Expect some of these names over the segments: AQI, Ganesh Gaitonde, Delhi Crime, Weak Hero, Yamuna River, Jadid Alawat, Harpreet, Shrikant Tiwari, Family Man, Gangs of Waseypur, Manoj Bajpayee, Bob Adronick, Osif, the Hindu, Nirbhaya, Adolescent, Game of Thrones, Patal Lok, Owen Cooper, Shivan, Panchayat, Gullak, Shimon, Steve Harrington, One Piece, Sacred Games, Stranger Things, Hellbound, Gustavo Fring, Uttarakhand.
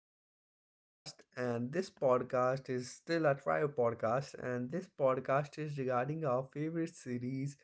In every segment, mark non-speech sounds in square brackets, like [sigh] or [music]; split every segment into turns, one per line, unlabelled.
our new podcast. And this podcast is still a trial podcast, and this podcast is regarding our favorite series.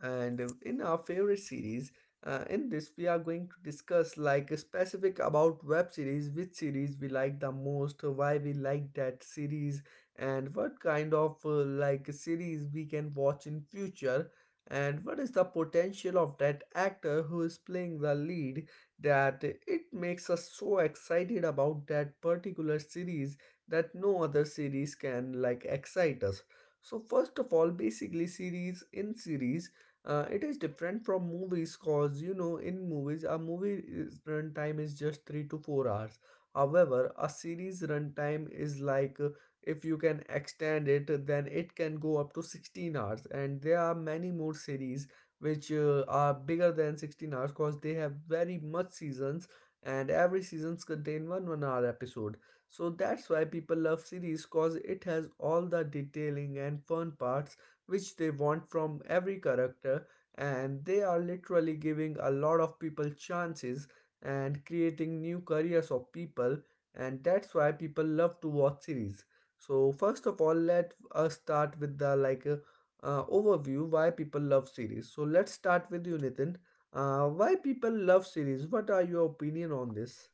And in our favorite series, in this, we are going to discuss like specific about web series, which series we like the most, why we like that series, and what kind of like series we can watch in future, and what is the potential of that actor who is playing the lead that it makes us so excited about that particular series that no other series can like excite us. So first of all, basically series in series, it is different from movies cause you know in movies a movie is runtime is just 3 to 4 hours. However, a series runtime is like, if you can extend it then it can go up to 16 hours, and there are many more series which are bigger than 16 hours because they have very much seasons, and every seasons contain one one hour episode. So that's why people love series cause it has all the detailing and fun parts which they want from every character, and they are literally giving a lot of people chances and creating new careers of people, and that's why people love to watch series. So first of all, let us start with the like overview why people love series. So let's start with you, Nitin. Why people love series? What are your opinion on this?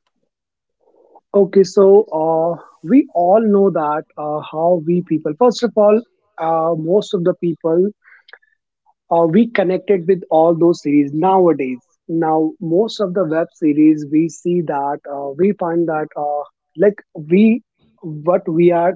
Okay, so we all know that how we people, first of all, most of the people, we connected with all those series nowadays. Now, most of the web series, we see that, we find that, like, we, what we are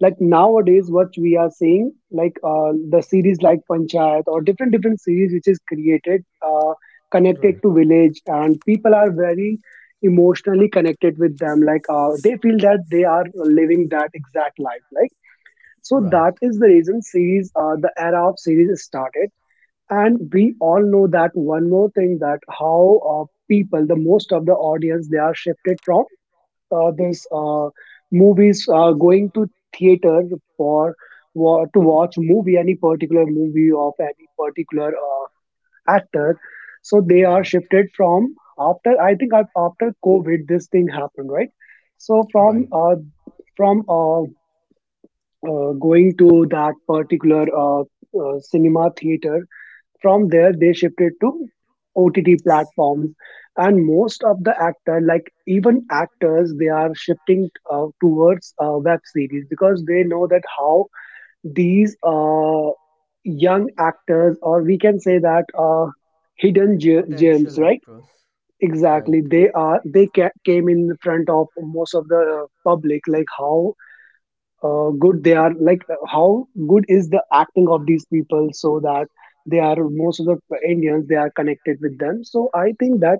like nowadays what we are seeing, like the series like Panchayat or different different series which is created, connected to
Right.
village, and people are very emotionally connected with them, like they feel that they are living that exact life, like
That they are
so
living that exactly.
that
Right.
is the reason series, the era of series is started. And we all know that one more thing, that how people, the most of the audience, they are shifted from this movies going to theater for to watch movie, any particular movie of any particular actor. So they are
Right.
shifted from, after I think after COVID this thing happened, right? So
Right.
from going to that particular cinema theater, from there, they shifted to OTT platforms, and most of the actor, like even actors, they are shifting towards web series because they know that how these young actors, or we can say that hidden gems,
Potential
right?
actress,
Exactly,
right?
they are came in front of most of the public, like how good they are, like how good is the acting of these people, so that they are most of the Indians they are connected with them. So I think that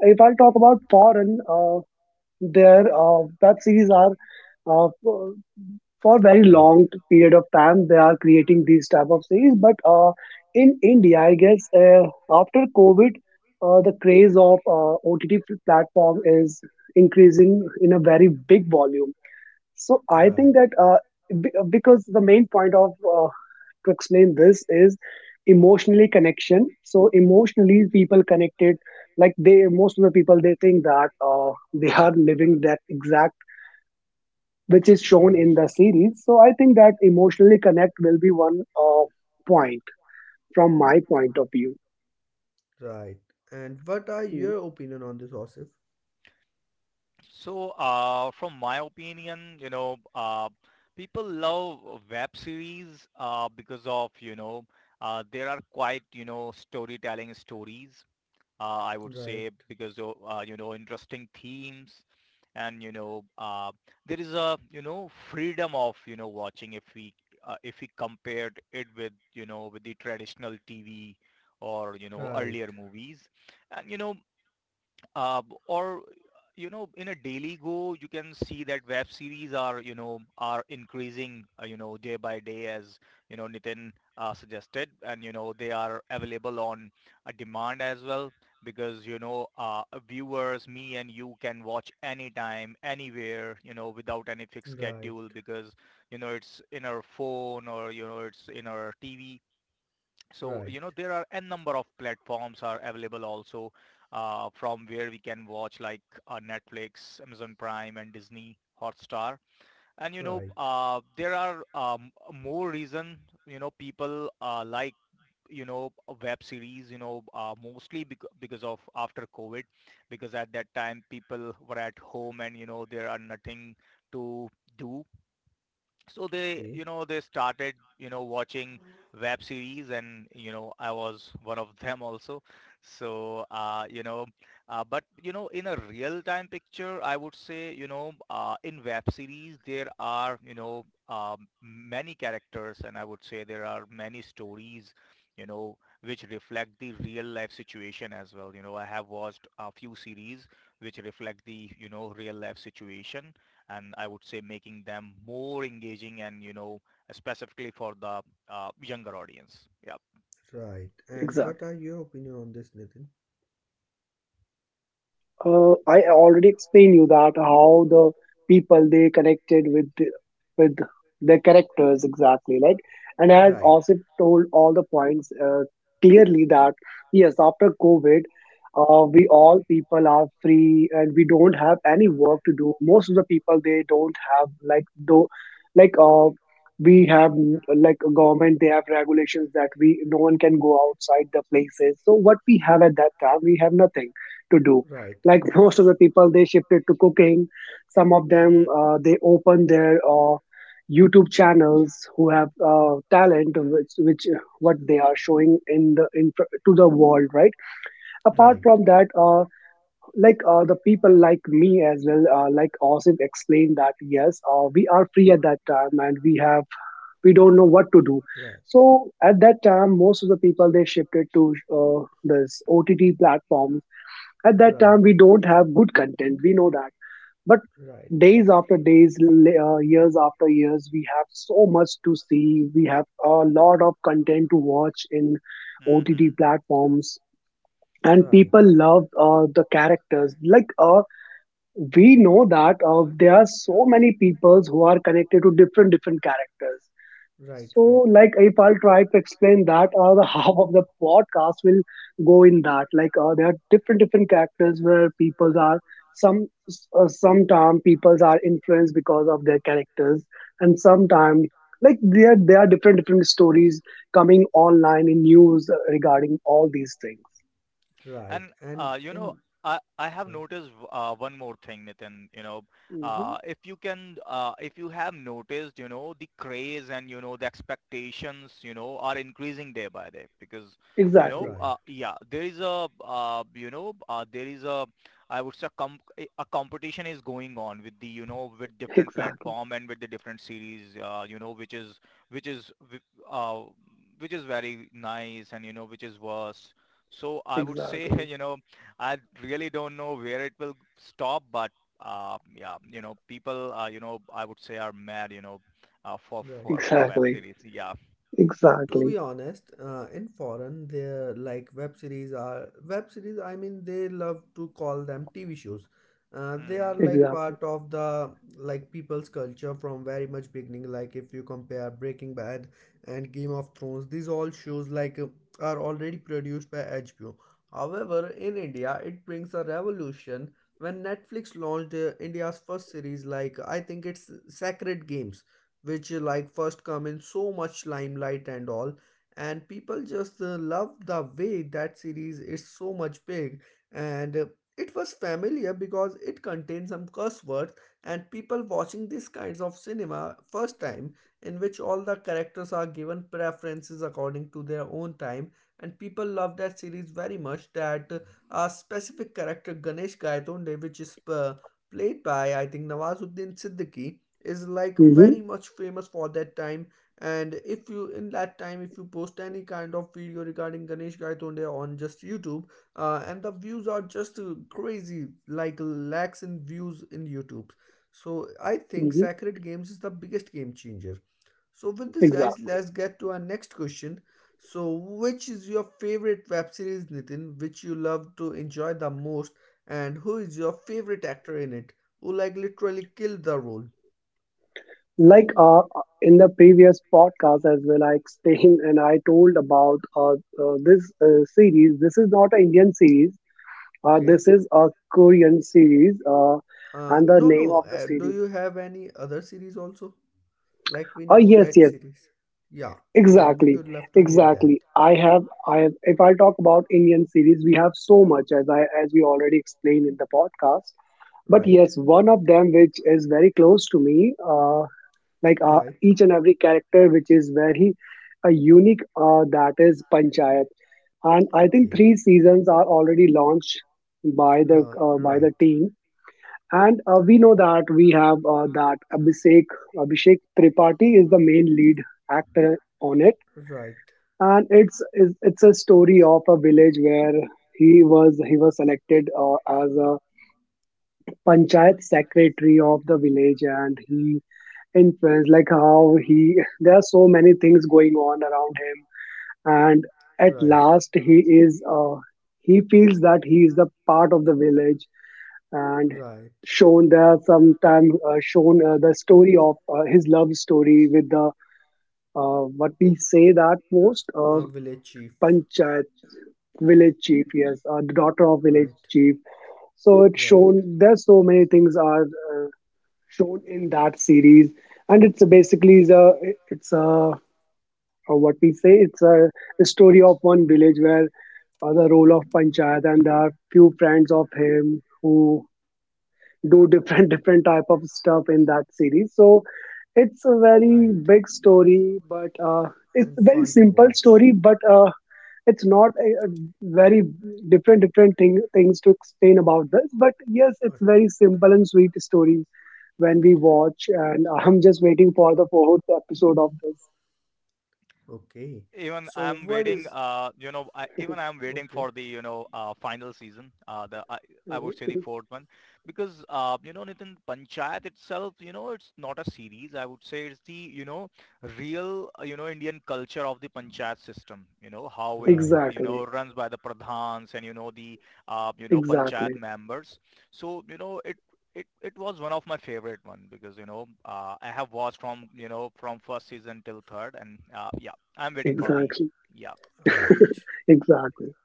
if I'll talk about foreign, their web series are uh, for for very
Right.
long period of time they are creating these type of series. But in India I guess after COVID the craze of OTT platform is increasing in a very big volume. So I think
Right.
that because the main point of to explain this is emotionally connection. So emotionally, people connected, like they most of the people they think that [laughs] they are living that exact which is shown
Right.
in the series. So I think that emotionally connect will be one point from my point of view.
Right. And what are
Hmm.
your opinion on this, Osif?
So, from my opinion, people love web series because of, there are quite, storytelling stories, I would say,
Right.
because of, interesting themes. And there is a, freedom of, watching if we compared it with, with the traditional TV or,
Right.
earlier movies. And, um, or in a daily go, you can see that web series are are increasing day by day as Nitin suggested, and they are available on a demand as well, because viewers, me and you can watch anytime, anywhere, without any fixed
Right.
schedule, because it's in our phone or it's in our TV. So
Right.
there are n number of platforms are available also, from where we can watch like netflix amazon prime and disney hotstar. And
Right.
there are more reason people like a web series, mostly because of after covid, because at that time people were at home and there are nothing to do. So they
Okay.
you know they started watching web series, and I was one of them also. So but in a real time picture, I would say, in web series there are, many characters, and I would say there are many stories you know which reflect the real life situation as well. You know, I have watched a few series which reflect the real life situation, and I would say making them more engaging and specifically for the younger audience. Yeah.
Right. And
Exactly.
what are your opinion on this, Nitin?
I already explained you that how the people they connected with their characters, exactly, like, and I have
Right.
also told all the points clearly, that yes, after COVID, we all people are free and we don't have any work to do. Most of the people they don't have like do like we have mm, like a government they have regulations that we no one can go outside the places. So what we have at that time, we have nothing to do,
Right.
like [laughs] most of
S-
the people they shifted to cooking. Some of
Mm-hmm.
them they opened their YouTube channels, who have talent, which what they are showing in the to the world, right? Apart
Right.
Mm-hmm.
from that, like the people like me as well, like Austin explained that yes, we are free at that time and we have we don't know what to do.
Right.
So at that time most of the people they shifted to uh, this OTT platforms. At that
Right. Right.
time, we don't have good content. We know that. But
Right. Right.
days after days, years after years, we have so much to see. We have a lot of content to watch in OTT
Mm-hmm.
platforms. And
Right.
people love the characters. Like we know that there are so many peoples who are connected to different different characters. So, like, if I'll try to explain that, the [laughs] half of the podcast will go in that. Like, there are different different characters where people are some sometime people are influenced because of their characters, and sometime like there are different different stories coming online in news regarding all these things.
Right.
And
And
uh, you know,
in
I have
right.
noticed one more thing, Nitin.
Hmm.
If you have noticed, the craze and the expectations, are increasing day by day, because,
Exactly,
Right.
yeah, there is a, there is a, I would say, a competition is going on with the, with different
exactly,
platform and with the different series, which is, w- uh, which is very nice and which is worse. So I would say, [laughs]
exactly,
I really don't know where it will stop, but yeah, people, I would say are mad, for
Right.
web
exactly,
series. Yeah.
To
exactly,
be honest, in foreign they're like web series are web series, I mean they love to call them TV shows. They are
hmm
like
exactly.
part of the like people's culture from very much beginning. Like if you compare Breaking Bad and Game of Thrones, these all shows like are already produced by HBO. However, in India it brings a revolution when Netflix launched India's first series, like I think it's Sacred Games, which like first come in so much limelight and all, and people just love the way that series is so much big. And it was familiar because it contained some curse words, and people watching these kinds of cinema first time in which all the characters are given preferences according to their own time, and people love that series very much that a specific character Ganesh Gaitonde, which is played by I think Nawazuddin Siddiqui, is like
Hmm.
very much famous for that time. And if you in that time, if you post any kind of video regarding Ganesh Gaitonde on just YouTube, and the views are just crazy like lakhs in views in YouTube. So I think
Hmm.
Sacred Games is the biggest game changer. So with this guys,
Exactly.
let's get to our next question. So which is your favorite web series, Nitin, which you love to enjoy the most, and who is your favorite actor in it who like literally killed the role?
Like in the previous podcast as well, I explained and I told about, this series, this is not an Indian series.
Okay.
This is a Korean series. And the
No,
name
no.
of the
Do
series,
you have any other series also? Like we
oh,
know
yes,
that
yes.
series. Yeah. Then we
Exactly.
would love to hear that.
Exactly, I have if I talk about Indian series, we have so much, as I as we already explained in the podcast, but
Right.
yes, one of them which is very close to me, like
Right.
each and every character which is very unique, that is Panchayat, and I think
Okay.
three seasons are already launched by the, by the
Right.
team. And we know that we have that Abhishek Tripathi is the main lead actor on it.
Right.
And it's a story of a village where he was selected as a Panchayat secretary of the village, and he influence, like how he there are so many things going on around him, and at
Right.
last he is he feels that he is the part of the village, and
Right.
shown there sometime shown the story of his love story with the, what we say that most
A village chief.
Panchayat village chief, yes, the daughter of village
Right.
chief. So it's shown there's so many things are uh, shown in that series. And it's basically the it's a or what we say, it's a story of one village where the role of Panchayat, and there are few friends of him who do different [laughs] different type of stuff in that series. So it's a very big story, but it's
And
a very
fun to
simple
watch.
story, but it's not a, a very different different thing, things to explain about this. But yes, it's very simple and sweet story when we watch, and [laughs] I'm just waiting for the fourth episode of this.
Okay,
Even
so
I'm
what
waiting.
is
Even I'm waiting
okay?
for the final season. I would say the
Mhm.
fourth one, because Nitin, Panchayat itself, it's not a series. I would say it's the real Indian culture of the Panchayat system. You know how
[laughs]
it
Right,
Exactly.
runs by the pradhans and the Panchayat
Exactly,
members. So it. It was one of my favorite one, because I have watched from from first season till third, and yeah, I'm waiting for the.
exactly,
Yeah, yeah.
right.
[laughs] exactly.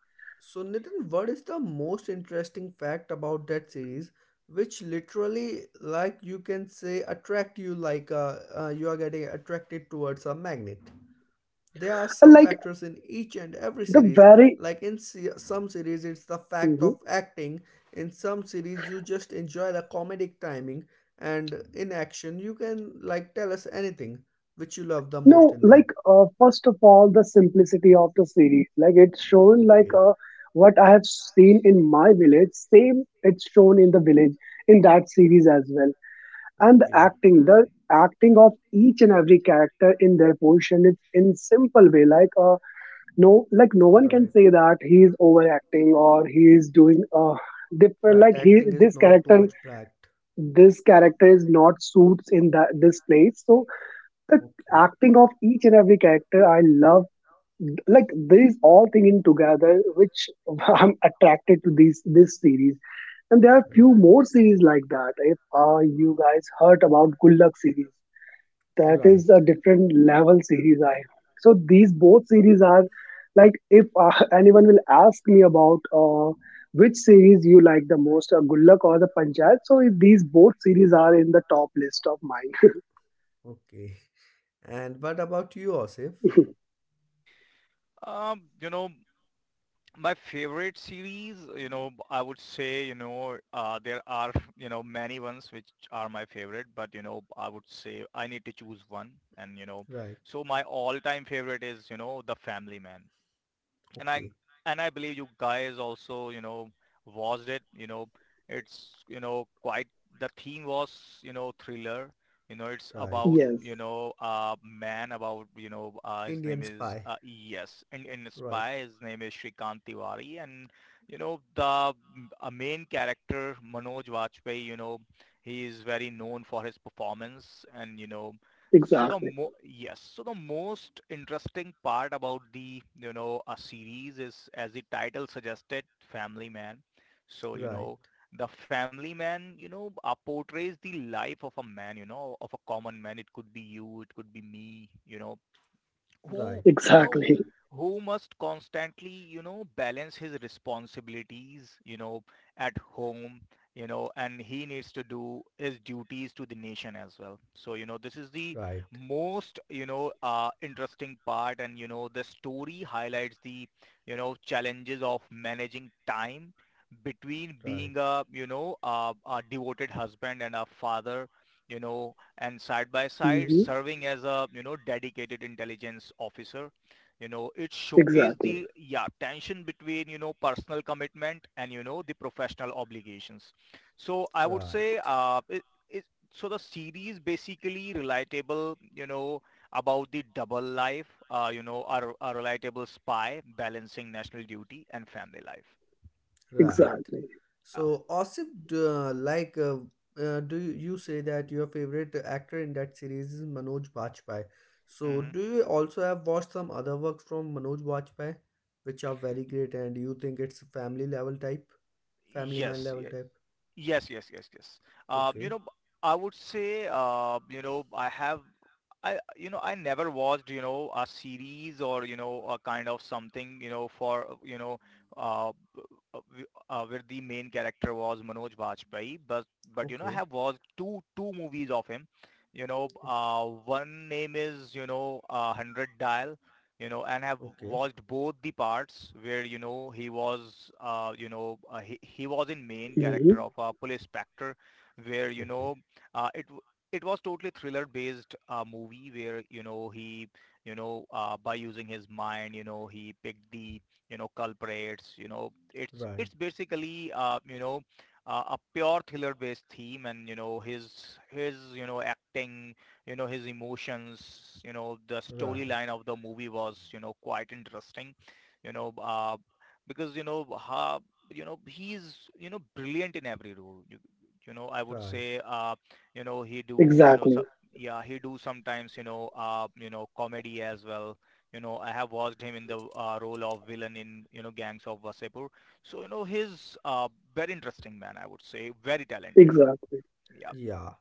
So, Nitin, what is the most interesting fact about that series, which literally, like you can say, attract you like you are getting attracted towards a magnet? There are some
Like
factors in each and every
the
series.
very
Like in some series, it's the fact
Mhm.
of acting. In some series, you just enjoy the comedic timing. And in action, you can like tell us anything which you love the most
No,
in
like
that.
first of all, the simplicity of the series. Like it's shown like
Okay.
what I have seen in my village. Same, it's shown in the village in that series as well. And
Okay.
the acting of each and every character in their position is in simple way. Like no, like no one can say that he is overacting or he is doing different, like
Right.
he
Acting is he's
this
not too
character
much and bragged.
this character is not suits in that this place. So the
Okay.
acting of each and every character, I love. Like these all thinging together, which [laughs] I'm attracted to these this series. And there are few more series like that. If you guys heard about Good Luck series, that is a different level series I so these both series are like, if [laughs] anyone will ask me about which series you like the most, Gullak or the Panchayat, so if these both series are in the top list of mine.
Okay. [laughs] And what about you, Osif?
Um, you know my favorite series. You know, I would say there are many ones which are my favorite, but I would say I need to choose one. And
Right.
so my all-time favorite is The Family Man. and I
Okay.
and I believe you guys also watched it. It's quite the theme was thriller. It's
[laughs]
Right.
about
Yes,
a man, about his name
Indian
is
spy.
yes, and in
Right.
Spy his name is Shrikant Tiwari, and you know the m- a main character Manoj Vajpayee. He is very known for his performance, and you know so the
exactly,
mo yes, so the most interesting part about the, a series is as the title suggested, Family Man. So,
Right.
the Family Man, portrays the life of a man, of a common man. It could be you, it could be me, who
Right.
you know
exactly.
who must constantly balance his responsibilities, at home, and he needs to do his duties to the nation as well. So this is the
Right.
most interesting part, and the story highlights the challenges of managing time between
Right.
being a, a devoted husband and a father, you know and side by side
Hmm.
serving as a, dedicated intelligence officer. You know it showcased
Exactly,
the yeah tension between personal commitment and the professional obligations. So I would
Right.
say, so the series basically relatable, about the double life, a relatable spy balancing national duty and family life.
Right.
exactly.
Uh
So, Osip, like, do you say that your favorite actor in that series is Manoj Bajpayee? So, do
hmm
you also have watched some other works from Manoj Bajpayee, which are very great, and you think it's family level type, family man
Yes,
level type?
yes, yes, yes, yes. Um, you
Okay.
know, I would say, I never watched, a series or, a kind of something, for, uh, b- where the main character was Manoj Bajpayee, but, I
Okay.
have watched two movies of him.
Okay.
One name is, 100 Dial, and have
Okay.
watched both the parts, where he was, he was in main
Hmm.
character of a police specter, where
Okay.
uh, it it was totally thriller based movie, where he, by using his mind, he picked the culprits. You know, it's
Right.
it's basically a pure thriller based theme, and his acting, his emotions, the storyline
Right.
of the movie was quite interesting, you know uh, because you know ha, you know he's brilliant in every role. I would
Right.
say he do
Exactly,
so, yeah, he do sometimes, comedy as well. You know, I have watched him in the role of villain in gangs of wasepur. So he's, uh, very interesting man, I would say. Very talented.
exactly,
Yeah.
Yeah.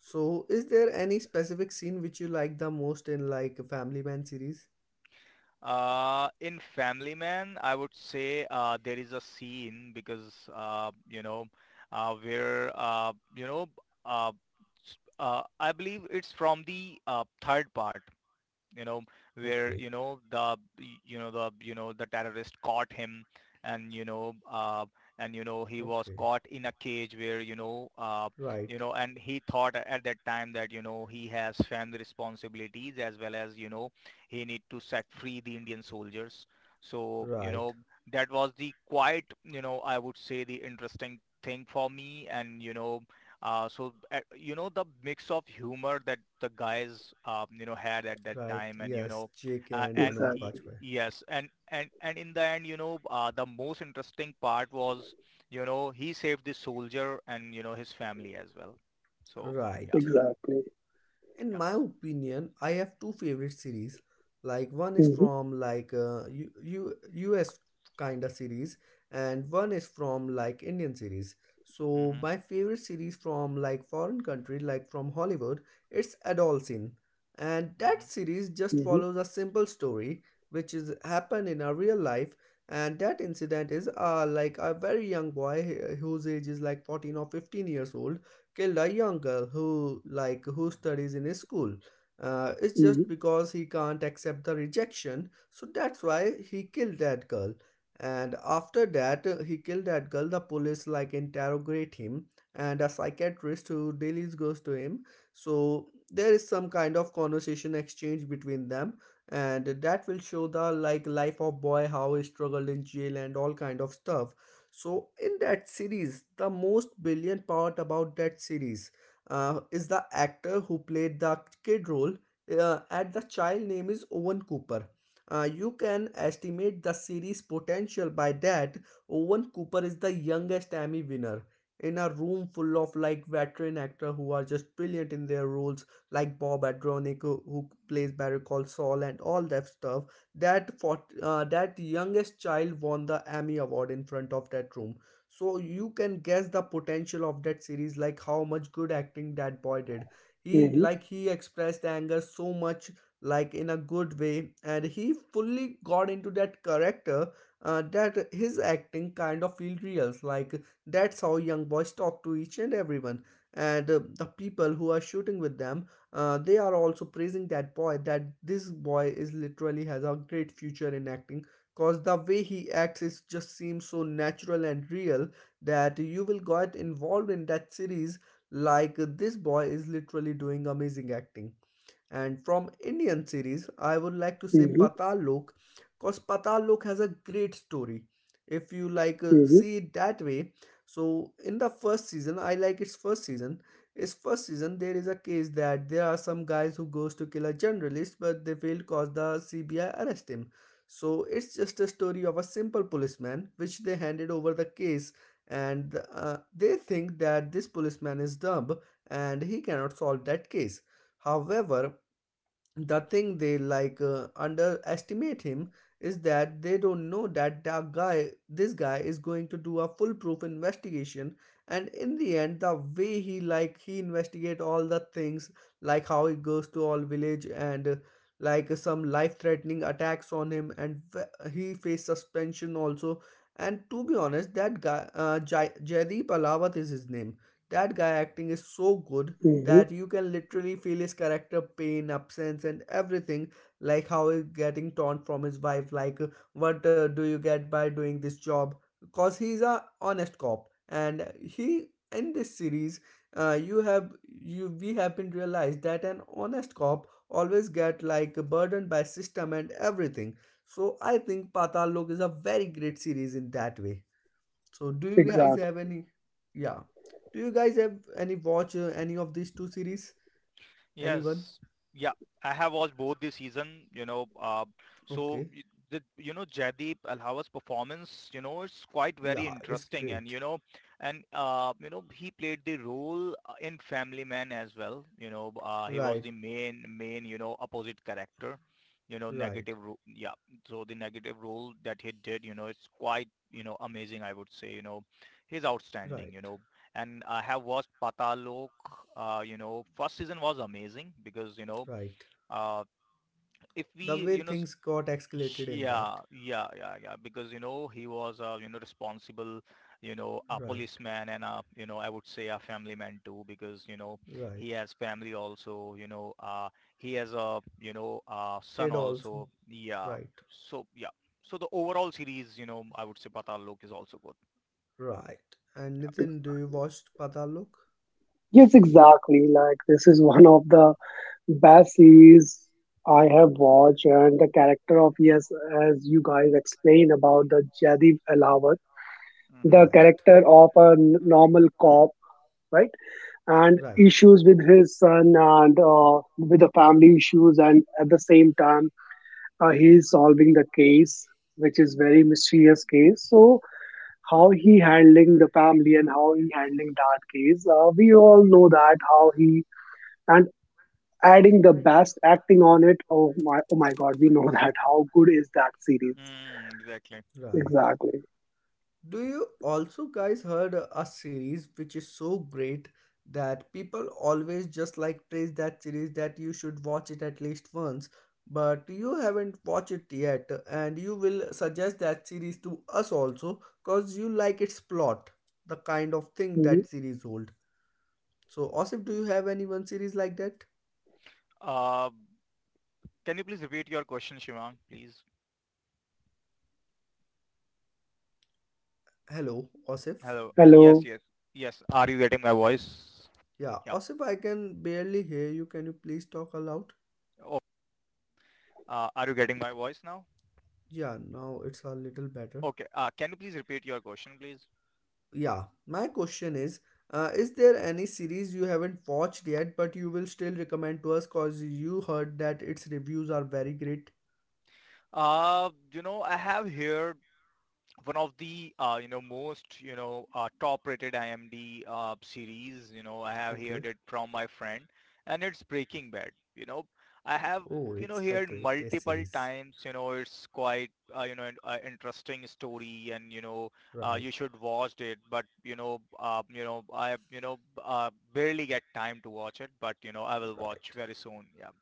So, is there any specific scene which you like the most in like Family Man series?
In Family Man, I would say, there is a scene, because where you know uh, s- I believe it's from the third part, you know where
Okay.
you know the you know the you know the terrorist caught him, and he was
Okay.
caught in a cage, where you
Right.
know and he thought at that time that, he has family responsibilities, as well as, he need to set free the indian soldiers. So
Right.
that was the quite, I would say, the interesting thing for me. And the mix of humor that the guys had at that
Right.
time. And
Yes. Jake
uh,
and
and
Manoj
y-
exactly,
Bajpayee.
yes, and in the end, the most interesting part was, he saved the soldier, and his family as well. So yeah,
Right.
exactly.
In
yeah.
my opinion, I have two favorite series. Like one is
Hmm.
from like US kind of series, and one is from like Indian series. So
Mm-hmm,
my favorite series from like foreign country, like from Hollywood, it's Adolescent. And that
mm-hmm.
series just
Hmm.
follows a simple story which is happened in a real life. And that incident is like a very young boy, whose age is like 14 or 15 years old, killed a young girl who like who studies in his school. It's
Hmm.
just because he can't accept the rejection, so that's why he killed that girl. And after that, he killed that girl, the police like interrogate him, and a psychiatrist who daily goes to him. So there is some kind of conversation exchange between them, and that will show the like life of boy how he struggled in jail and all kind of stuff. So in that series, the most brilliant part about that series, is the actor who played the kid role. At the child name is Owen Cooper. You can estimate the series potential by that. Owen Cooper is the youngest Emmy winner in a room full of like veteran actor who are just brilliant in their roles, like Bob Adronick who plays Barry Call Saul and all that stuff. That for, that youngest child won the Emmy Award in front of that room. So you can guess the potential of that series, like how much good acting that boy did. He
Hmm.
he expressed anger so much, like in a good way, and he fully got into that character. That his acting kind of feel real. Like that's how young boys talk to each and everyone, and the people who are shooting with them they are also praising that boy that this boy is literally has a great future in acting because the way he acts is just seems so natural and real, that you will get involved in that series, like this boy is literally doing amazing acting. And from Indian series, I would like to say
Hmm.
Patal Lok, cause Patal Lok has a great story. If you like see it that way, so in the first season, I like its first season. Its first season, there is a case that there are some guys who goes to kill a journalist, but they failed cause the CBI arrest him. So it's just a story of a simple policeman which they handed over the case, and they think that this policeman is dumb and he cannot solve that case. However, the thing they like underestimate him is that they don't know that the guy this guy is going to do a foolproof investigation. And in the end, the way he he investigate all the things, like how he goes to all village and like some life threatening attacks on him, and he faced suspension also. And to be honest, that guy, Jaideep Alawat is his name. That guy acting is so good
Hmm. Hmm.
that you can literally feel his character pain, absence, and everything. Like how he's getting torn from his wife, like what do you get by doing this job? Because he's a honest cop, and he in this series, uh, you have you we have been realized that an honest cop always get like burdened by system and everything. So I think Patal Lok is a very great series in that way. So do you guys
Exactly.
have any? Yeah. Do you guys have any watch any of these two series? Anyone?
Yes. Yeah. I have watched both this season, so
Okay.
y- the, Jaideep Alhawa's performance, it's quite very
Yeah, it's
interesting. and,
great.
you know, and, uh, you know, he played the role in Family Man as well. He was
Right,
the main, opposite character, negative
right,
role. Yeah. So the negative role that he did, it's quite, amazing, I would say, he's outstanding,
right,
and I have watched Patalok. First season was amazing, because you know,
right.
uh, if
The
we
way
you know, s-
things got escalated in that.
yeah, yeah, yeah, yeah, because he was a, responsible, a
Right,
policeman, and a, I would say, a family man too, because
right.
he has family also. He has a,
Kid
son
also.
also. Yeah,
Right,
so yeah, so the overall series, I would say Patalok is also good.
right. And
Yep.
Nitin, do you watch Pataluk?
Yes, exactly. Like this is one of the best series I have
Okay.
watched, and the character of, yes, as you guys explained about the Jadid Alawat,
Mm-hmm.
the
Right,
character of a normal cop, right, and
right,
issues with his son, and with the family issues, and at the same time he is solving the case, which is very mysterious case. So how he handling the family and how he handling that case, we all know that how he and adding the best acting on it. Oh my, oh my God, we know [laughs] that. How good is that series?
Mm, exactly.
right.
Exactly.
Do you also guys heard a series which is so great that people always just like praise that series that you should watch it at least once, but you haven't watched it yet, and you will suggest that series to us also because you like its plot, the kind of thing
Mhm.
that series hold. So Osif, do you have any one series like that?
Uh, can you please repeat your question, Shimon, please?
Hello, Osif.
Hello. Yes,
Hello.
yes, yes. Are you getting my voice?
Yeah,
Yep.
Osif, I can barely hear you. Can you please talk aloud?
Oh, are you getting my voice now?
Yeah, now it's a little better.
Okay. Can you please repeat your question, please?
Yeah, my question is, is there any series you haven't watched yet but you will still recommend to us because you heard that its reviews are very great?
I have here one of the most top-rated IMDb series. I have
Okay.
heard it from my friend, and it's Breaking Bad. I have
Oh, it's the
heard
greatest
multiple
series.
times. It's quite interesting story, and
Right,
you should watch it. But I barely get time to watch it. But I will watch
right.
very soon. Yeah.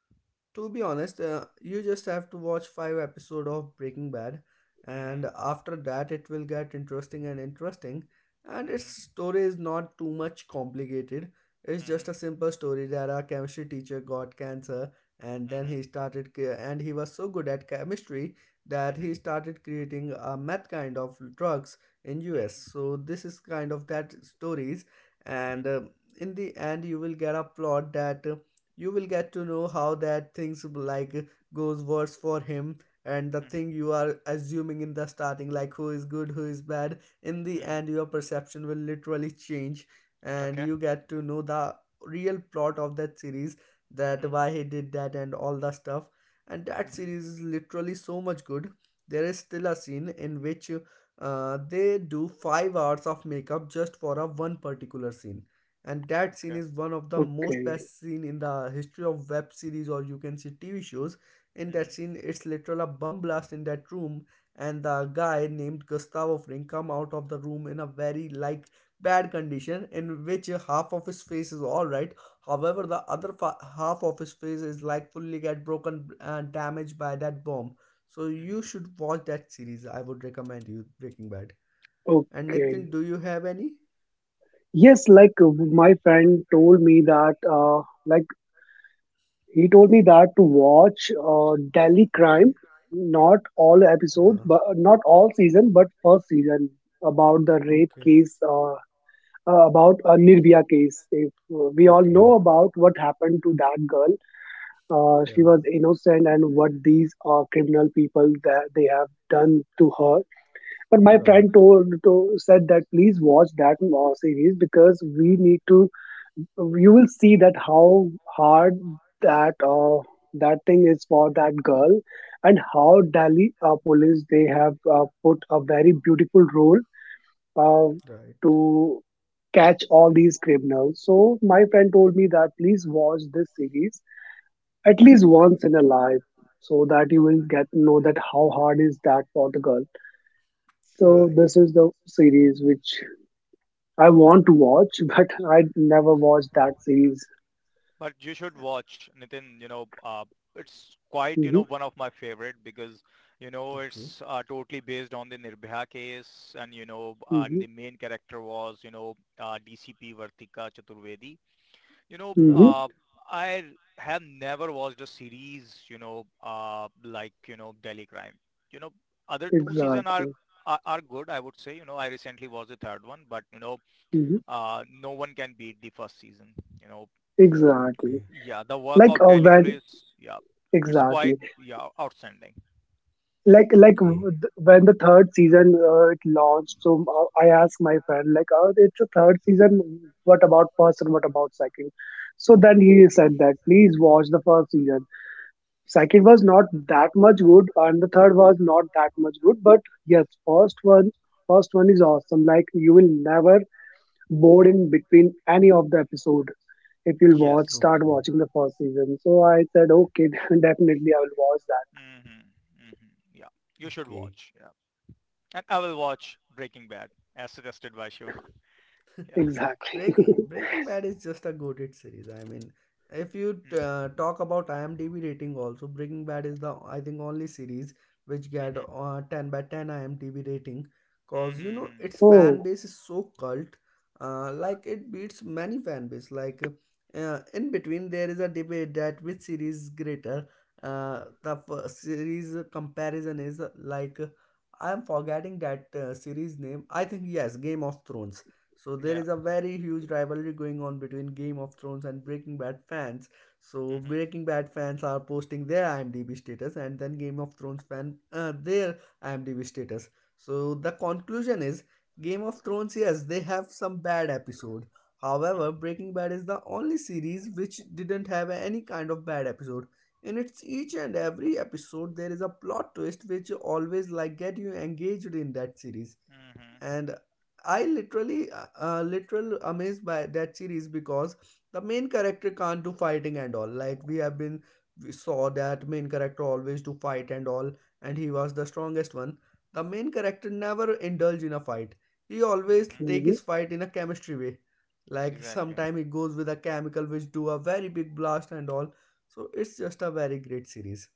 To be honest, you just have to watch five episode of Breaking Bad,
Mhm.
and after that it will get interesting and interesting. And its
Mhm.
story is not too much complicated. It's just
Mhm.
a simple story that our chemistry teacher got cancer, and then
Mhm.
and he was so good at chemistry that
Mhm.
he started creating a meth kind of drugs in US.
Mhm.
So this is kind of that stories,
Mm-hmm.
and in the end you will get a plot, that you will get to know how that things like goes worse for him, and the
Mm-hmm.
thing you are assuming in the starting, like who is good, who is bad, in the
Mm-hmm.
end your perception will literally change, and
Okay.
you get to know the real plot of that series, that
Mm-hmm.
why he did that and all the stuff. And that
Mm-hmm.
series is literally so much good. There is still a scene in which they do 5 hours of makeup just for a one particular scene, and that scene
Okay.
is one of the most
Okay.
best scene in the history of web series, or you can see TV shows. In that
Mm-hmm.
scene, it's literal a bomb blast in that room, and the guy named Gustavo Fring come out of the room in a very like bad condition, in which half of his face is all right, however the other half of his face is like fully get broken and damaged by that bomb. So you
Mm-hmm.
should watch that series. I would recommend you Breaking Bad. And
Okay.
Nitin, do you have any?
Yes, like my friend told me that, like he told me that to watch Delhi Crime, not all episodes, but not all season, but first season,
About.
about the rape case, about a Nirbhaya case. If we
We.
all
Okay.
know about what happened to that girl, she
Yeah.
was innocent, and what these criminal people that they have done to her. But my
My. Right.
friend told to, said that please watch that series because we need to. You will see that how hard that that thing is for that girl, and how Delhi police they have put a very beautiful role uh,
Right.
to catch all these criminals. So my friend told me that please watch this series at least once in a life, so that you will get know that how hard is that Portugal. So
Right.
this is the series which I want to watch, [laughs] but I never watched that series.
But you
Uh,
should watch, Nitin, it's quite,
Hmm.
one of my favorite because,
Okay.
it's totally based on the Nirbhaya case, and
Hmm.
the main character was, DCP Vartika Chaturvedi. You know,
Hmm.
Right.
uh, I have never watched a series, like, Delhi Crime. You know, other two season are,
Exactly.
are are good, I would say. I recently watched the third one, but
Hmm.
no one can beat the first season. You know,
Exactly.
Okay.
yeah, the work
Like
of Delhi
when,
Police, yeah, it's quite
exactly,
yeah outstanding.
Okay.
when the third season it launched, so I asked my friend, like, "Oh, it's a third season. "What about first and what about second?" So then he said that please watch the first season. Second was not that much good, and the third was not that much good. But yes, first one is awesome. Like, you will never bored in between any of the episode if you'll
Yes.
start
Okay.
watching the first season. So I said, okay, [laughs] definitely I will watch that.
Mm-hmm. Mm-hmm. Yeah, you should
Okay.
watch. Yeah, and I will watch Breaking Bad as suggested by Shivan. [laughs] Yeah.
Exactly. [laughs]
Breaking
Yes.
Bad is just a goated series. I mean, if you
Mm-hmm.
talk about IMDb rating, also Breaking Bad is the, I think, only series which get
Mm-hmm.
10/10 IMDb rating,
Mm-hmm,
cause you know
mm-hmm.
its fan
Oh.
base is so cult. Like it beats many fan base. Like in between there is a debate that which series is greater. The first series comparison is, like, I am forgetting that series name. I think yes, Game of Thrones. So there
Yeah.
is a very huge rivalry going on between Game of Thrones and Breaking Bad fans. So
Mhm.
Breaking Bad fans are posting their IMDb status, and then Game of Thrones fan, their IMDb status. So the conclusion is Game of Thrones. Yes, they have some bad episode. However,
Mhm.
Breaking Bad is the only series which didn't have any kind of bad episode. In its each and every episode, there is a plot twist which always like get you engaged in that series,
Mhm.
and I literally literal amazed by that series, because the main character can't do fighting and all. Like we have been we saw that main character always do fight and all, and he was the strongest one. The main character never indulge in a fight. He always
Mhm.
take
Hmm.
his fight in a chemistry way. Like
Exactly.
sometime he goes with a chemical which do a very big blast and all. So it's just a very great series.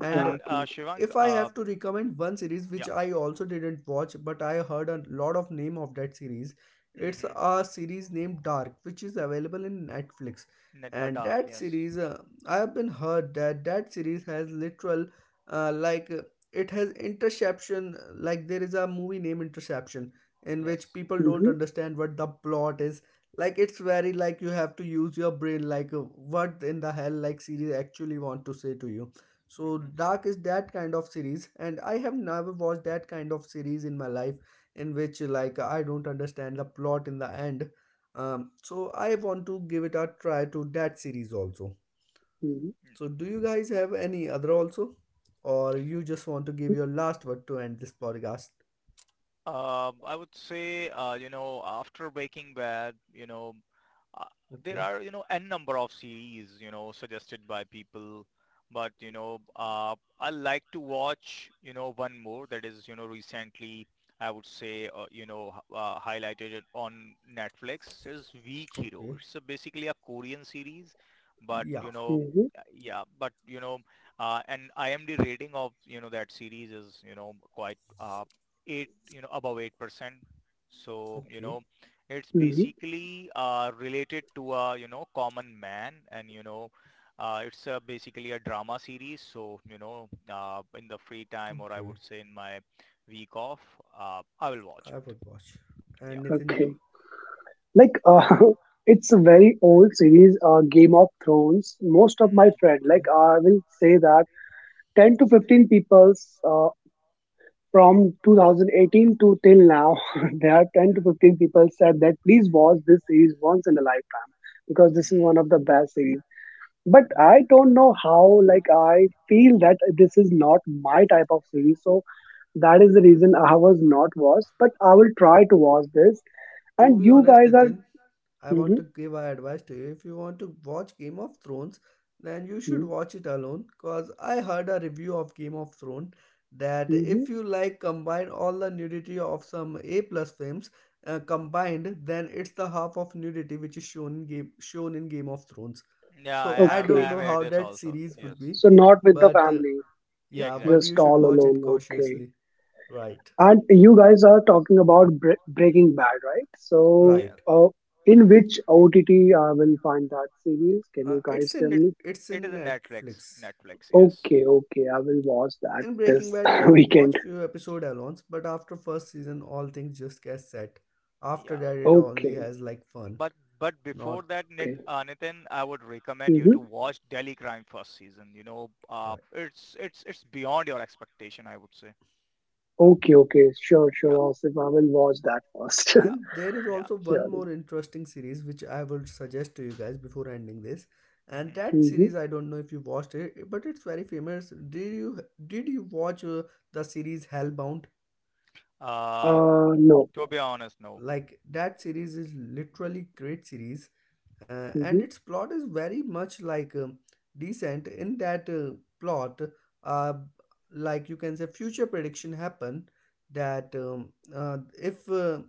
And
And Shivang,
if I have to recommend one series
yeah.
which I also didn't watch, but I heard a lot of name of that series, it's
Mhm.
a series named Dark, which is available in Netflix.
Net the
And
dark.
that
Yes.
series, I have been heard that that series has literal, like it has interception. Like there is a movie named Interception, in
Yes.
which people don't
Hmm.
understand what the plot is. Like it's very like, you have to use your brain like what in the hell like series actually want to say to you. So
Mhm.
Dark is that kind of series, and I have never watched that kind of series in my life, in which like I don't understand the plot in the end. So I want to give it a try to that series also.
Hmm.
So do you guys have any other also, or you just want to give your last word to end this podcast?
I would say, after Breaking Bad, uh, there
Okay,
are, n number of series, suggested by people. But, I like to watch, one more that is, recently, I would say, highlighted it on Netflix is Weak Hero.
okay,
It's a, basically a Korean series, but,
yeah,
Hmm.
yeah, but, and IMDb rating of, that series is, quite 8, above 8%. So,
okay,
it's
Hmm.
basically related to a, common man and, it's basically a drama series. So, in the free time or I
okay.
would say in my week off, I will watch
I would
it.
watch.
Yeah.
And Nathan,
Okay.
you?
Like, [laughs] it's a very old series, Game of Thrones. Most of
Mm-hmm.
my friend, like, I will say that, 10 to 15 peoples from 2018 to till now, [laughs] there are 10 to 15 people said that please watch this series once in a lifetime, because this is
Mm-hmm.
one of the best series, but
Right.
I don't know how, like, I feel that this is not my type of series, so that is the reason I was not watched, but I will try to watch this
To
and
be
you
honest,
guys are—
Nitin, I want
Hmm.
to give our advice to you. If you want to watch Game of Thrones, then you should watch it alone. Cause I heard a review of Game of Thrones that
Hmm.
if you like combine all the nudity of some A plus films, combined, then it's the half of nudity which is shown in Game of Thrones.
Yeah, I
So
have
I
I
don't
Okay,
have
know
heard
how
this
that
also.
series
Yes.
would be,
so not with
Yeah.
the
but
family,
Yeah,
yeah,
exactly.
but you
just
should
all
watch it
alone. Okay.
cautiously. Right,
Mm-hmm.
And you guys are talking about Breaking Bad, right? So,
Yeah.
right.
in which OTT I will find that series? Can
Uh,
you guys
it's
tell
in
It
me?
it's
it is
in
a Netflix.
Netflix.
Netflix, yes.
Okay, okay, I will watch that
In Breaking
this
Bad, you
[laughs]
have to watch
weekend.
few episode alone, but after first season, all things just get set. After
Yeah.
that, it only
Okay,
has like fun,
But but before
not.
that,
okay.
Nitin, I would recommend you to
Mm-hmm.
watch Delhi Crime first season.
Right.
It's beyond your expectation, I would say.
Okay, okay. Sure, sure,
Yeah,
Asif, I will watch that first.
yeah,
[laughs]
And there is
yeah.
also one
Sure.
more interesting series which I would suggest to you guys before ending this. And
Hmm.
that
Mm-hmm.
series, I don't know if you watched it, but it's very famous. Did you watch the series Hellbound?
Uh,
No.
to be honest, no.
Like that series is literally great series, and
Mm-hmm.
its plot is very much like, decent. In that plot, uh, like you can say future prediction happen, that if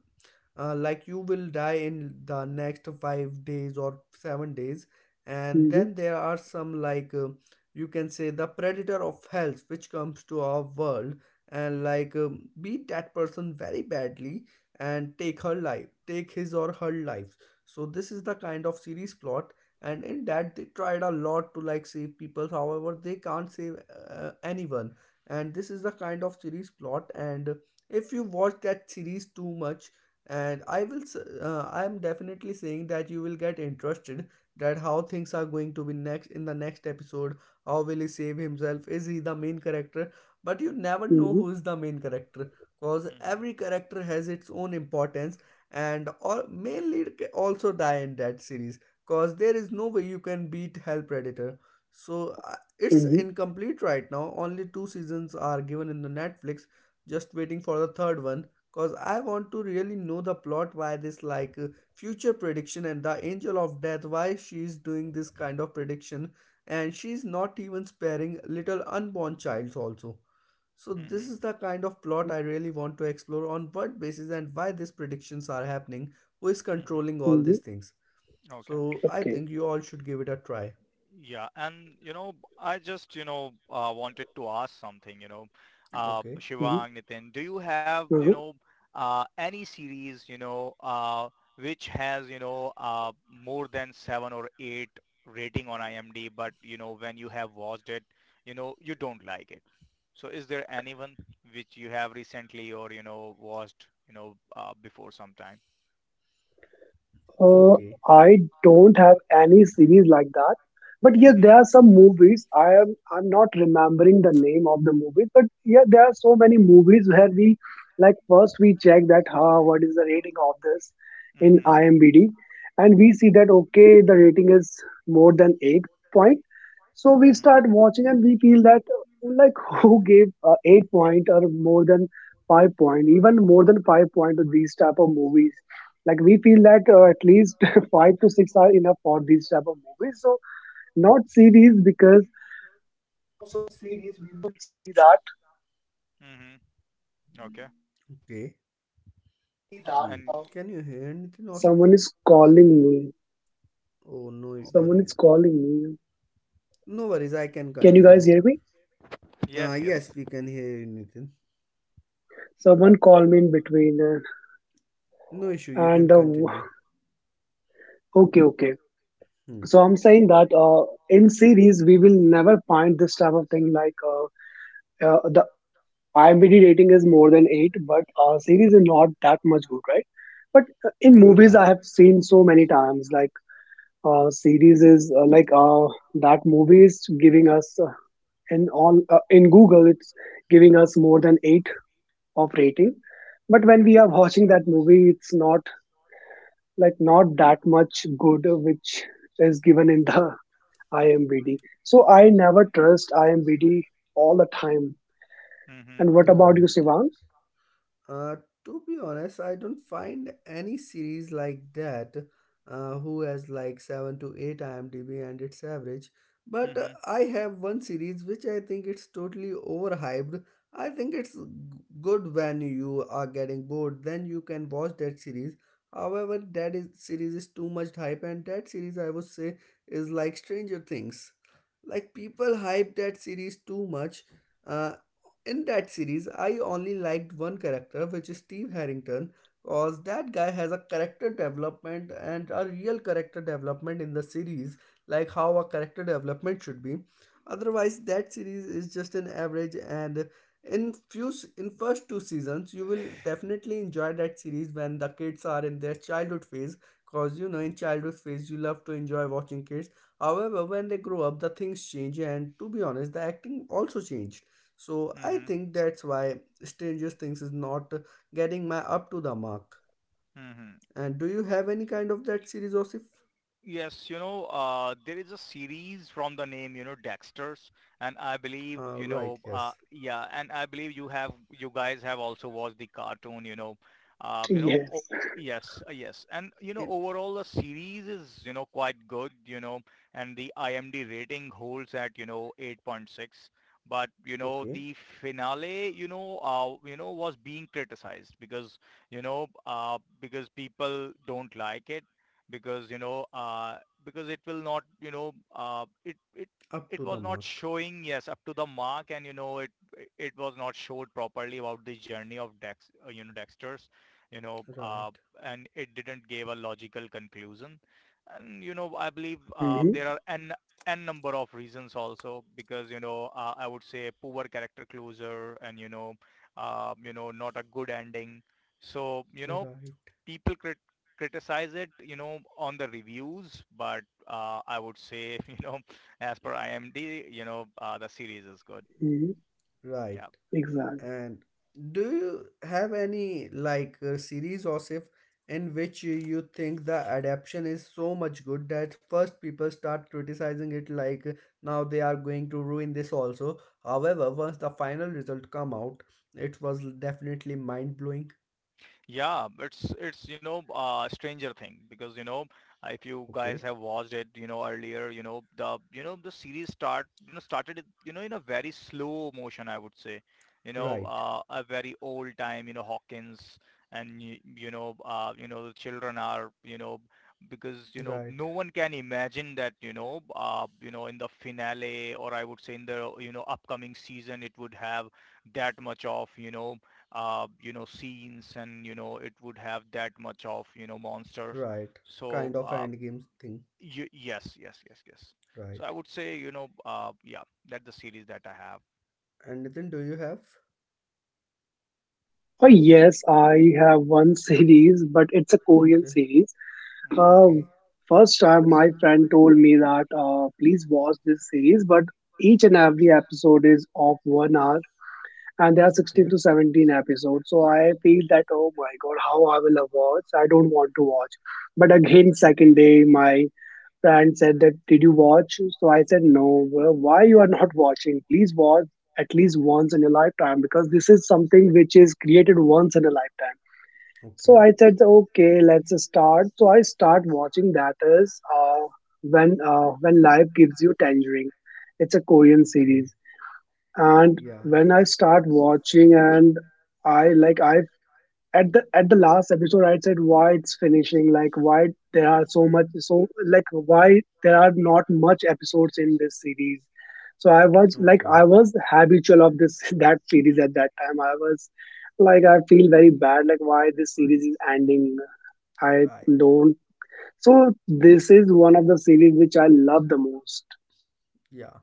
like you will die in the next 5 days or 7 days, and
Mm-hmm.
then there are some like you can say the predator of health which comes to our world, and like beat that person very badly and take his or her lives. So this is the kind of series plot, and in that they tried a lot to like save people, however they can't save anyone. And this is the kind of series plot, and if you watch that series too much, and I am definitely saying that you will get interested that how things are going to be next in the next episode, how will he save himself, is he the main character. But you never know
Mm-hmm.
who is the main character, because
Hmm.
every character has its own importance, and all main also die in that series, because there is no way you can beat hell predator. So it's
Mm-hmm.
incomplete right now. Only two seasons are given in the Netflix, just waiting for the third one, because I want to really know the plot, why this like future prediction and the angel of death, why she is doing this kind of prediction, and she's not even sparing little unborn childs also. So this is
Hmm.
the kind of plot I really want to explore on what basis and why these predictions are happening, who is
Hmm.
controlling all
Mm-hmm.
these things.
Okay.
So I
Okay.
think you all should give it a try.
Yeah, and I just, wanted to ask something,
Okay,
Mm-hmm.
Shivang, Nitin, do you have,
Uh-huh.
any series, which has, more than seven or eight rating on IMDb, but, when you have watched it, you don't like it. So is there anyone which you have recently or, watched, before sometime?
Uh,
okay,
I don't have any series like that, but yes,
Mm-hmm,
there are some movies. I'm not remembering the name of the movies, but yeah, there are so many movies where we, like, first we check that, huh, what is the rating of this in
mm-hmm,
IMDb, and we see that, okay, the rating is more than 8.5, so we
mm-hmm,
start watching, and we feel that, like, [laughs] who gave, 8 point or more than 5 point, even more than 5 point to these type of movies? Like, we feel that, at least, [laughs] five to six are enough for these type of movies. So, not series because...
mm-hmm. Okay.
okay. Hmm.
And
Can you hear anything, Osif? Oh, no
oh,
worries. No worries, I can
Can you guys
continue.
hear me?
yes, yes.
Yes, we can hear you, Nitin.
Someone called me in between,
No issue, you
and,
can continue.
okay, okay.
Hmm.
So I'm saying that, in series we will never find this type of thing, like, the IMDb rating is more than eight, but series is not that much good, right? But, in movies I
Right.
have seen so many times, like, series is, like, that movie is giving us, in all, in Google it's giving us more than eight rating. But when we are [laughs] watching that movie, it's not, like, not that much good which is given in the [laughs] IMBD. So I never trust IMBD all the time.
Mm-hmm.
And what about you,
Right.
Sivan?
Uh, to be honest, I don't find any series like that, who has like 7 to 8 IMDb and its average. But
Mm-hmm.
I have one series which I think it's totally overhyped. I think good when you are getting bored, then you can watch that series. However, series is too much hype, and that series I would say is like Stranger Things. Like people hype that series too much. uh, in that series, I only liked one character, which is Steve Harrington, because that guy has a character development, and a real character development in the series, like how a character development should be. Otherwise, that series is just an average, and in first two seasons, you will definitely enjoy that series when the kids are in their childhood phase, because you know in childhood phase you love to enjoy watching kids. However, when they grow up, the things change, and to be honest, the acting also changed. So I
Mm-hmm.
think that's why Stranger Things is not getting my up to the mark.
Mm-hmm.
And do you have any kind of that series, Osif?
Yes, there is a series from the name, Dexter's, and I believe,
Right, yes.
yeah, and I believe you have, you guys have also watched
Yes.
the cartoon, oh, yes, yes, and
And
overall the series is, quite good, and the IMDb rating holds at, 8.6, but
okay,
the finale, was being criticized because, because people don't like it because because it will not it
up
it
to the
was not
mark.
showing yes up to the mark, and it was not showed properly about the journey of Dex Dexter's, you know uh,
Right,
and it didn't give a logical conclusion, and I believe
Hmm.
there are n number of reasons also because I would say poor character closure, and not a good ending. So
right,
people crit- criticize it, on the reviews, but I would say, [laughs] as per IMDb, the series is good.
Hmm.
right.
Yeah.
Exactly.
And do you have any like series or if, in which you think the adaptation is so much good that first people start criticizing it like now they are going to ruin this also. However, once the final result come out, it was definitely mind blowing.
Yeah, it's Stranger Thing because if you guys
Okay,
have watched it, earlier, the series started it, in a very slow motion I would say,
right,
a very old time, Hawkins, and you, you know the children are, because
right,
no one can imagine that in the finale or I would say in the, upcoming season it would have that much of, scenes and, it would have that much of, monsters.
right.
So,
Kind of end games thing,
yes, yes, yes, yes.
right?
So I would say, yeah, that's the series that I have.
And Nitin, do you have?
Oh, yes, I have one [laughs] series, but it's a Korean
Okay,
series.
Mm-hmm.
okay.
Um, first time my friend told me that, please watch this series, but each and every episode is of 1 hour. And there are 16
Okay.
to 17 episodes, so I feel that, oh my god, how I will watch, I don't want to watch. Again, second
Okay.
day my friend said that, did you watch? So I said no. Well, why you are not watching? Please watch at least once in your lifetime, because this is something which is created once in a lifetime. So
Okay.
I said okay, let's start. So I start watching, that is, when life gives you tangerine. It's a Korean
Okay.
series. And
Yeah.
when I start watching, and I, like, I at the last episode I said, why it's finishing, like, why there are so much, so, like, why there are not much episodes in this series. So I was, like, I
Okay.
was habitual of this [laughs] that series at that time. I was, like, I feel very bad, like, why this series is ending. I
Right.
don't. So this is one of the series which I love the most.
Yeah.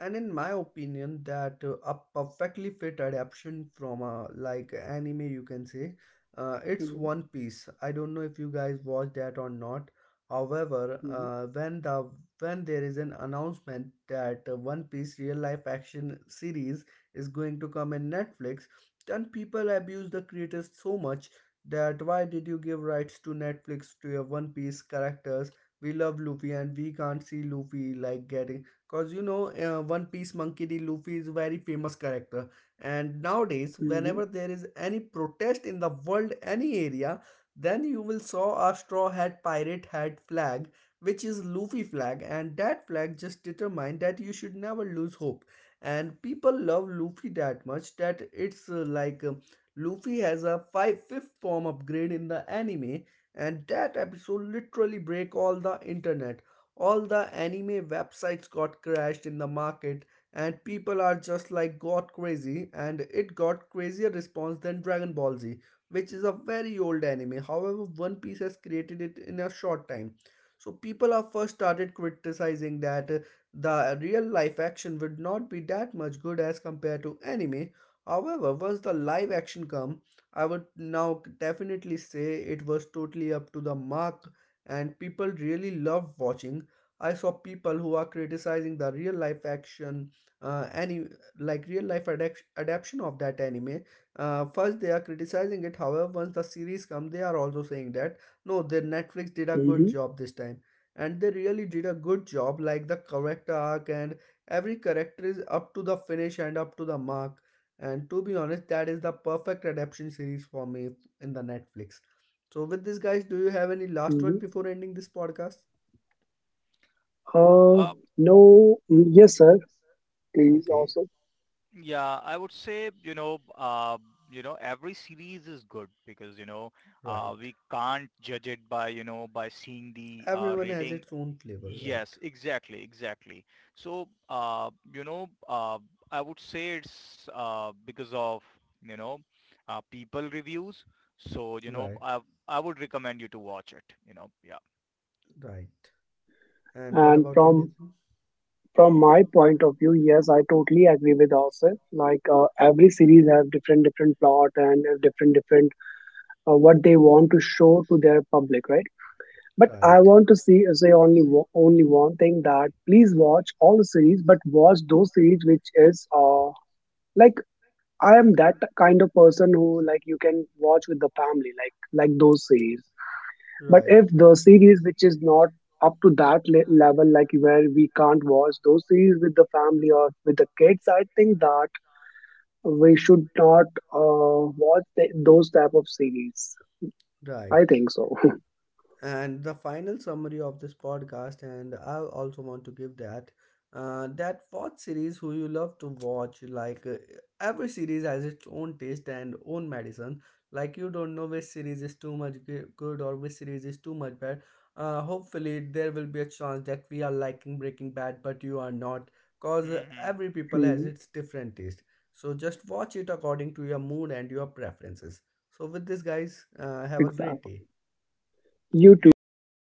And in my opinion, that a perfectly fit adaptation from a like anime, you can say, it's
Hmm.
One Piece. I don't know if you guys watched that or not. However, when there is an announcement that One Piece real life action series is going to come in Netflix, then people abuse the creators so much, that why did you give rights to Netflix to your One Piece characters. We love Luffy, and we can't see Luffy like getting. Cause you know, One Piece Monkey D. Luffy is very famous character, and nowadays,
Hmm.
whenever there is any protest in the world, any area, then you will saw a straw hat pirate hat flag, which is Luffy flag, and that flag just determine that you should never lose hope. And people love Luffy that much, that it's Luffy has a five fifth form upgrade in the anime, and that episode literally break all the internet. All the anime websites got crashed in the market, and people are just like got crazy, and it got crazier response than Dragon Ball Z, which is a very old anime. However, One Piece has created it in a short time. So people are first started criticizing that, the real life action would not be that much good as compared to anime. However, once the live action come, I would now definitely say it was totally up to the mark, and people really love watching. I saw people who are criticizing the real life action, any like real life adaptation of that anime. First, they are criticizing it. However, once the series come, they are also saying that no, the Netflix did a good
Hmm.
job this time, and they really did a good job. Like the character arc, and every character is up to the finish and up to the mark. And to be honest, that is the perfect adaptation series for me in the Netflix. So, with this, guys, do you have any last word
Hmm.
before ending this podcast?
Uh, no, mm, yes, sir, please
Okay.
also.
Right. Everyone has its own flavor, right? Right. Right. And what
And
about you,
from
Nitin?
from my point of view, yes, I totally agree with Asif. Like, every series have different different plot and, different different, what they want to show to their public, right? But
Right.
I want to see say only only one thing, that please watch all the series, but watch those series which is, like, I am that kind of person who, like, you can watch with the family, like those series. But
Right.
if the series which is not up to that level, like, where we can't watch those series with the family or with the kids, I think that we should not, watch those type of series.
Right.
I think so. [laughs]
And the final summary of this podcast, and I also want to give that, that watch series who you love to watch, like every series has its own taste and own medicine. Like you don't know which series is good or which series is too much bad. Uh, hopefully there will be a chance that we are liking Breaking Bad but you are not, cause every people has
Mhm.
its different taste. So just watch it according to your mood and your preferences. So with this, guys, have a great
Exactly.
day.
You too. Take care.